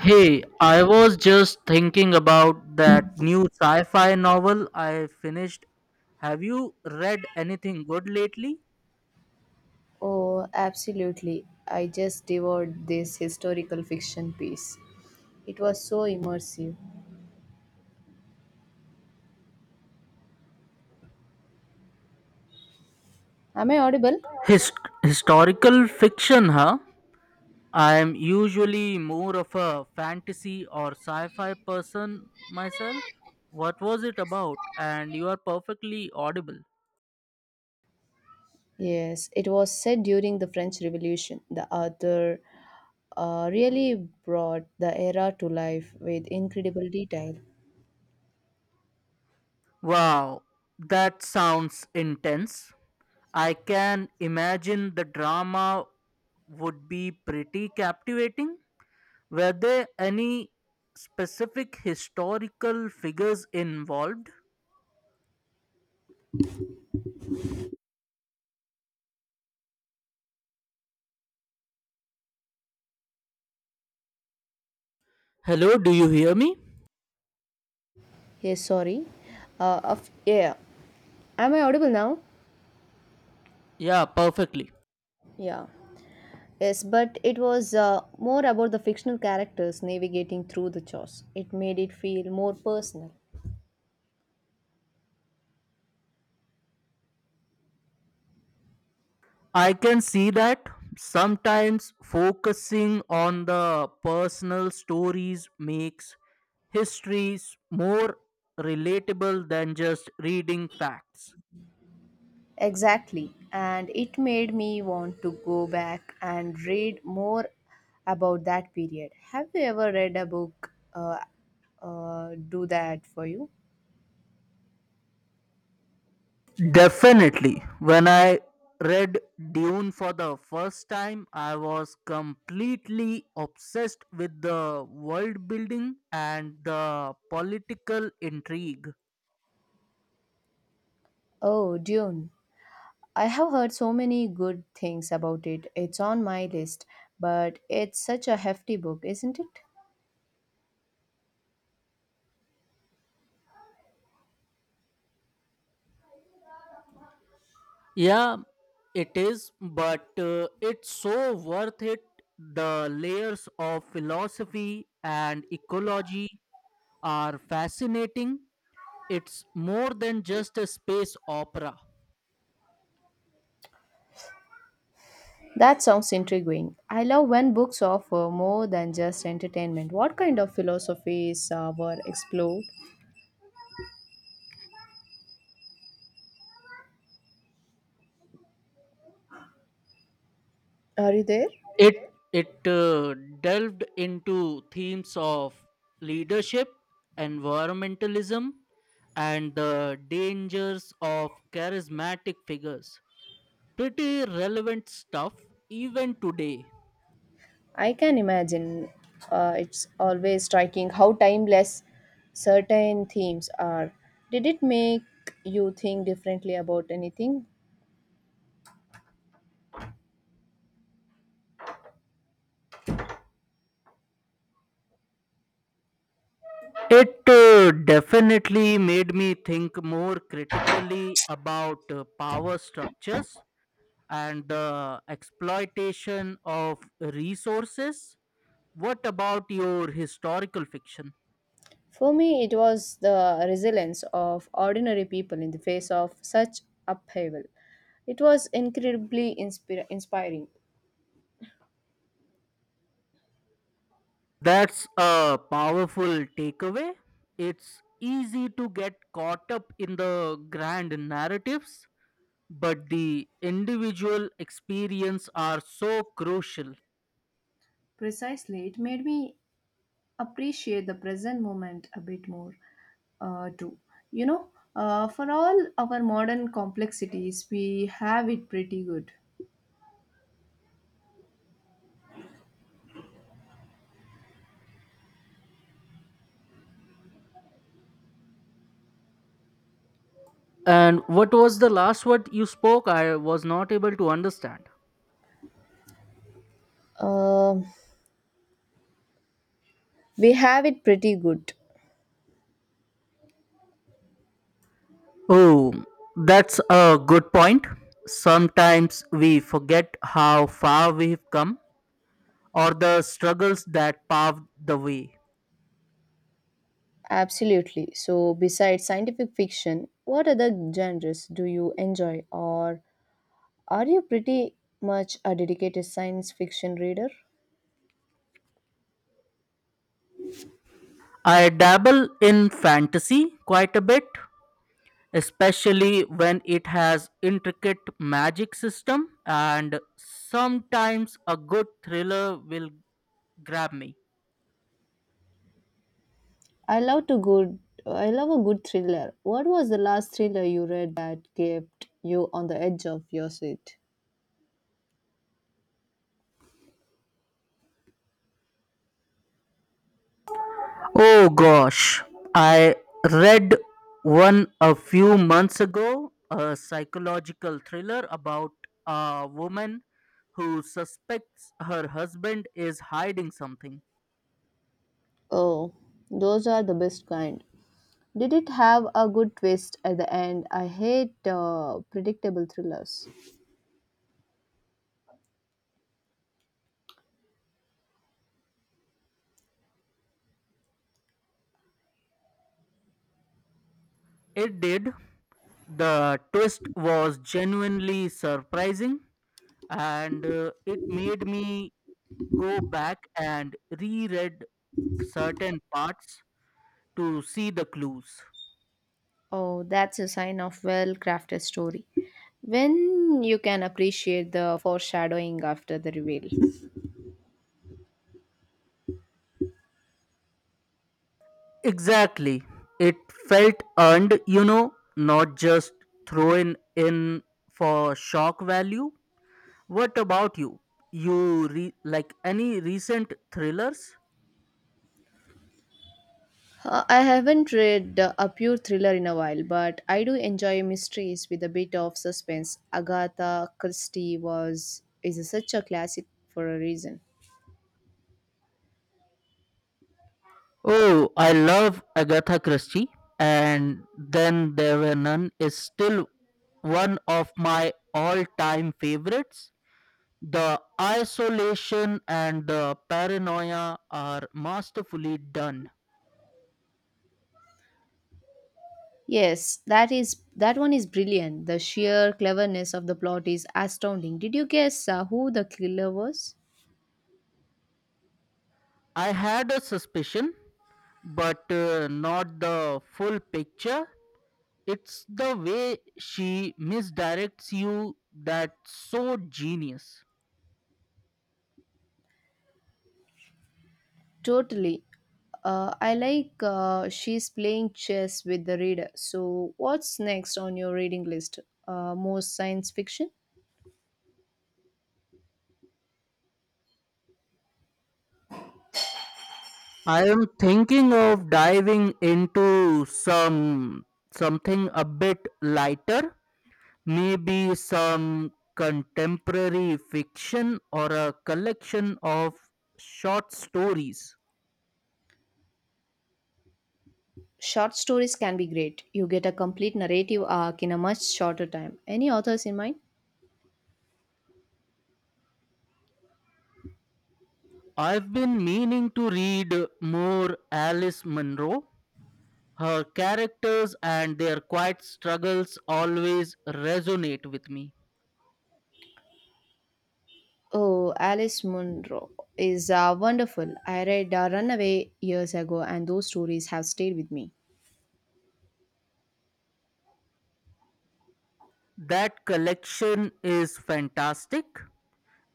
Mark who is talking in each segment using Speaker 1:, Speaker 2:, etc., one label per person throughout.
Speaker 1: Hey, I was just thinking about that new sci fi novel I finished. Have you read anything good lately?
Speaker 2: Oh, absolutely. I just devoured this historical fiction piece. It was so immersive. Am I audible?
Speaker 1: His- Historical fiction, huh? I am usually more of a fantasy or sci fi person myself. What was it about? And you are perfectly audible.
Speaker 2: Yes, it was set during the French Revolution. The author really brought the era to life with incredible detail.
Speaker 1: Wow, that sounds intense. I can imagine the drama would be pretty captivating. Were there any specific historical figures involved? Hello, do you hear me?
Speaker 2: Yes, sorry. Yeah. Am I audible now?
Speaker 1: Yeah, perfectly.
Speaker 2: Yeah. Yes, but it was more about the fictional characters navigating through the chaos. It made it feel more personal.
Speaker 1: I can see that sometimes focusing on the personal stories makes histories more relatable than just reading facts.
Speaker 2: Exactly. And it made me want to go back and read more about that period. Have you ever read a book do that for you?
Speaker 1: Definitely. When I read Dune for the first time, I was completely obsessed with the world building and the political intrigue.
Speaker 2: Oh, Dune. I have heard so many good things about it. It's on my list, but it's such a hefty book, isn't it?
Speaker 1: Yeah, it is, but it's so worth it. The layers of philosophy and ecology are fascinating. It's more than just a space opera.
Speaker 2: That sounds intriguing. I love when books offer more than just entertainment. What kind of philosophies were explored? Are you there?
Speaker 1: It delved into themes of leadership, environmentalism, and the dangers of charismatic figures. Pretty relevant stuff, even today.
Speaker 2: I can imagine. It's always striking how timeless certain themes are. Did it make you think differently about anything?
Speaker 1: It definitely made me think more critically about power structures and the exploitation of resources. What about your historical fiction?
Speaker 2: For me, it was the resilience of ordinary people in the face of such upheaval. It was incredibly inspiring.
Speaker 1: That's a powerful takeaway. It's easy to get caught up in the grand narratives, but the individual experience are so crucial.
Speaker 2: Precisely, it made me appreciate the present moment a bit more, too. You know, for all our modern complexities, we have it pretty good.
Speaker 1: And what was the last word you spoke? I was not able to understand.
Speaker 2: Um, we have it pretty good.
Speaker 1: Oh, that's a good point. Sometimes we forget how far we've come or the struggles that paved the way.
Speaker 2: Absolutely. So, besides scientific fiction, what other genres do you enjoy, or are you pretty much a dedicated science fiction reader?
Speaker 1: I dabble in fantasy quite a bit, especially when it has intricate magic system, and sometimes a good thriller will grab me.
Speaker 2: I love to good. I love a good thriller. What was the last thriller you read that kept you on the edge of your seat?
Speaker 1: Oh gosh, I read one a few months ago, a psychological thriller about a woman who suspects her husband is hiding something.
Speaker 2: Oh, those are the best kind. Did it have a good twist at the end? I hate predictable thrillers.
Speaker 1: It did. The twist was genuinely surprising, and it made me go back and reread certain parts to see the clues.
Speaker 2: Oh, that's a sign of well crafted story. When you can appreciate the foreshadowing after the reveal.
Speaker 1: Exactly. It felt earned, you know, not just thrown in for shock value. What about you? Like any recent thrillers?
Speaker 2: I haven't read a pure thriller in a while, but I do enjoy mysteries with a bit of suspense. Agatha Christie was is such a classic for a reason.
Speaker 1: Oh, I love Agatha Christie, and then there were none is still one of my all-time favorites. The isolation and the paranoia are masterfully done.
Speaker 2: Yes, that is that one is brilliant. The sheer cleverness of the plot is astounding. Did you guess who the killer was?
Speaker 1: I had a suspicion, but not the full picture. It's the way she misdirects you that's so genius.
Speaker 2: Totally. I like she's playing chess with the reader. So, what's next on your reading list? More science fiction?
Speaker 1: I am thinking of diving into some something a bit lighter. Maybe some contemporary fiction or a collection of short stories.
Speaker 2: Short stories can be great. You get a complete narrative arc in a much shorter time. Any authors in mind?
Speaker 1: I've been meaning to read more Alice Munro. Her characters and their quiet struggles always resonate with me.
Speaker 2: Oh, Alice Munro is wonderful. I read Runaway years ago, and those stories have stayed with me.
Speaker 1: That collection is fantastic.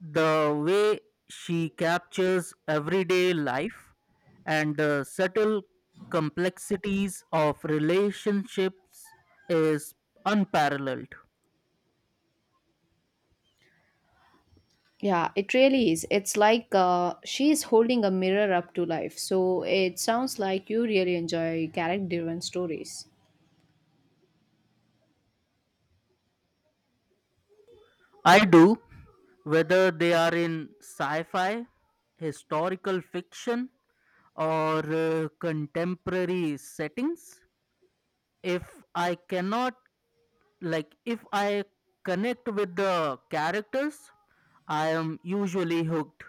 Speaker 1: The way she captures everyday life and the subtle complexities of relationships is unparalleled.
Speaker 2: Yeah, it really is. It's like she's holding a mirror up to life. So it sounds like you really enjoy character driven stories.
Speaker 1: I do, whether they are in sci fi, historical fiction, or contemporary settings. If I cannot, like, if I connect with the characters, I am usually hooked.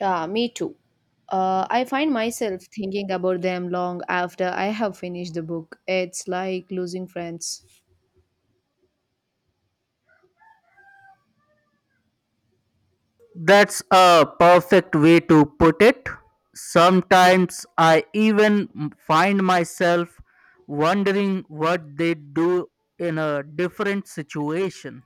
Speaker 2: Yeah, me too. I find myself thinking about them long after I have finished the book. It's like losing friends.
Speaker 1: That's a perfect way to put it. Sometimes I even find myself wondering what they do in a different situation.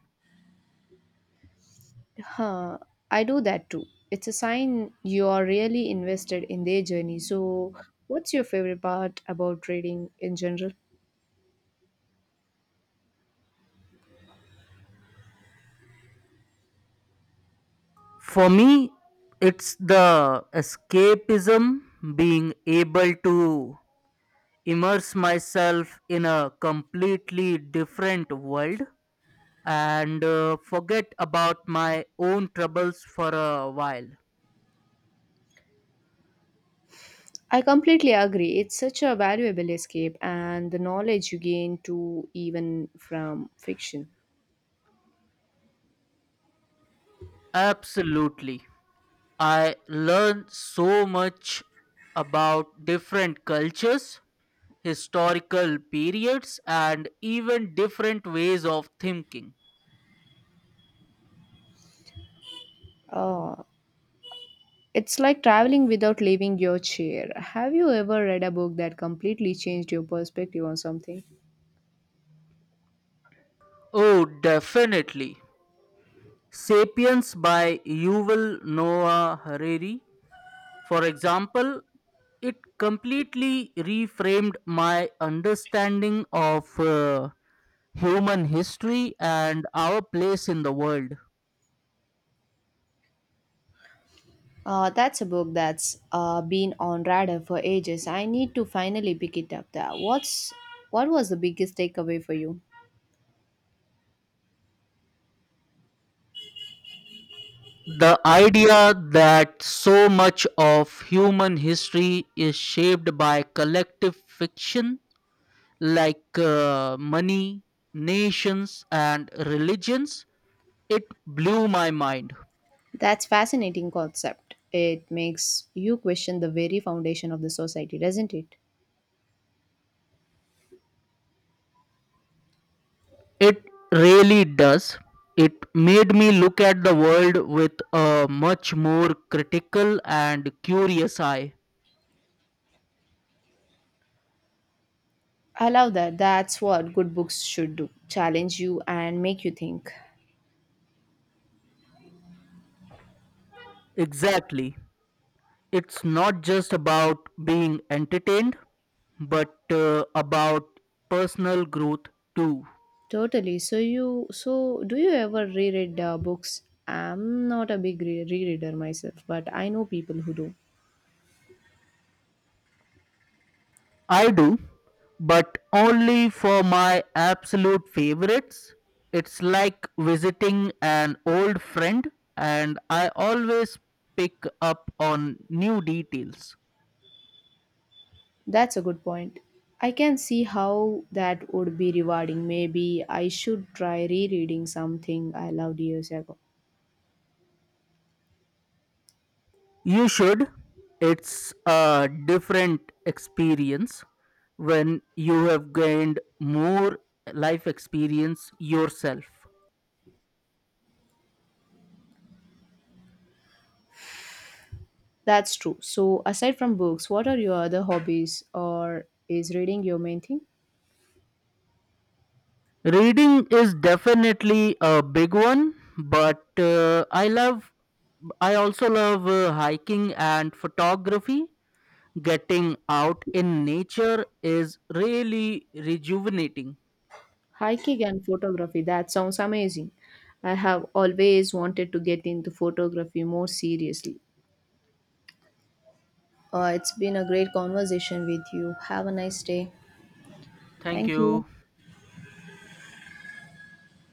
Speaker 2: Huh, I do that too. It's a sign you are really invested in their journey. So, what's your favorite part about reading in general?
Speaker 1: For me, it's the escapism, being able to immerse myself in a completely different world and forget about my own troubles for a while.
Speaker 2: I completely agree. It's such a valuable escape, and the knowledge you gain too, even from fiction.
Speaker 1: Absolutely. I learned so much about different cultures, historical periods, and even different ways of thinking.
Speaker 2: Uh, it's like traveling without leaving your chair. Have you ever read a book that completely changed your perspective on something?
Speaker 1: Oh, definitely. Sapiens by Yuval Noah Harari, for example, it completely reframed my understanding of human history and our place in the world.
Speaker 2: That's a book that's been on radar for ages. I need to finally pick it up. There. What was the biggest takeaway for you?
Speaker 1: The idea that so much of human history is shaped by collective fiction like money, nations, and religions, it blew my mind.
Speaker 2: That's fascinating concept. It makes you question the very foundation of the society, doesn't it?
Speaker 1: It really does. It made me look at the world with a much more critical and curious eye.
Speaker 2: I love that. That's what good books should do. Challenge you and make you think.
Speaker 1: Exactly. It's not just about being entertained, but about personal growth too.
Speaker 2: Totally. So do you ever reread books? I'm not a big rereader myself, but I know people who do.
Speaker 1: I do, but only for my absolute favorites. It's like visiting an old friend, and I always pick up on new details.
Speaker 2: That's a good point. I can see how that would be rewarding. Maybe I should try rereading something I loved years ago.
Speaker 1: You should. It's a different experience when you have gained more life experience yourself.
Speaker 2: That's true. So aside from books, what are your other hobbies or is reading your main thing?
Speaker 1: Reading is definitely a big one, but I also love hiking and photography. Getting out in nature is really rejuvenating.
Speaker 2: Hiking and photography, that sounds amazing. I have always wanted to get into photography more seriously. It's been a great conversation with you. Have a nice day.
Speaker 1: Thank
Speaker 2: Thank you.
Speaker 1: you.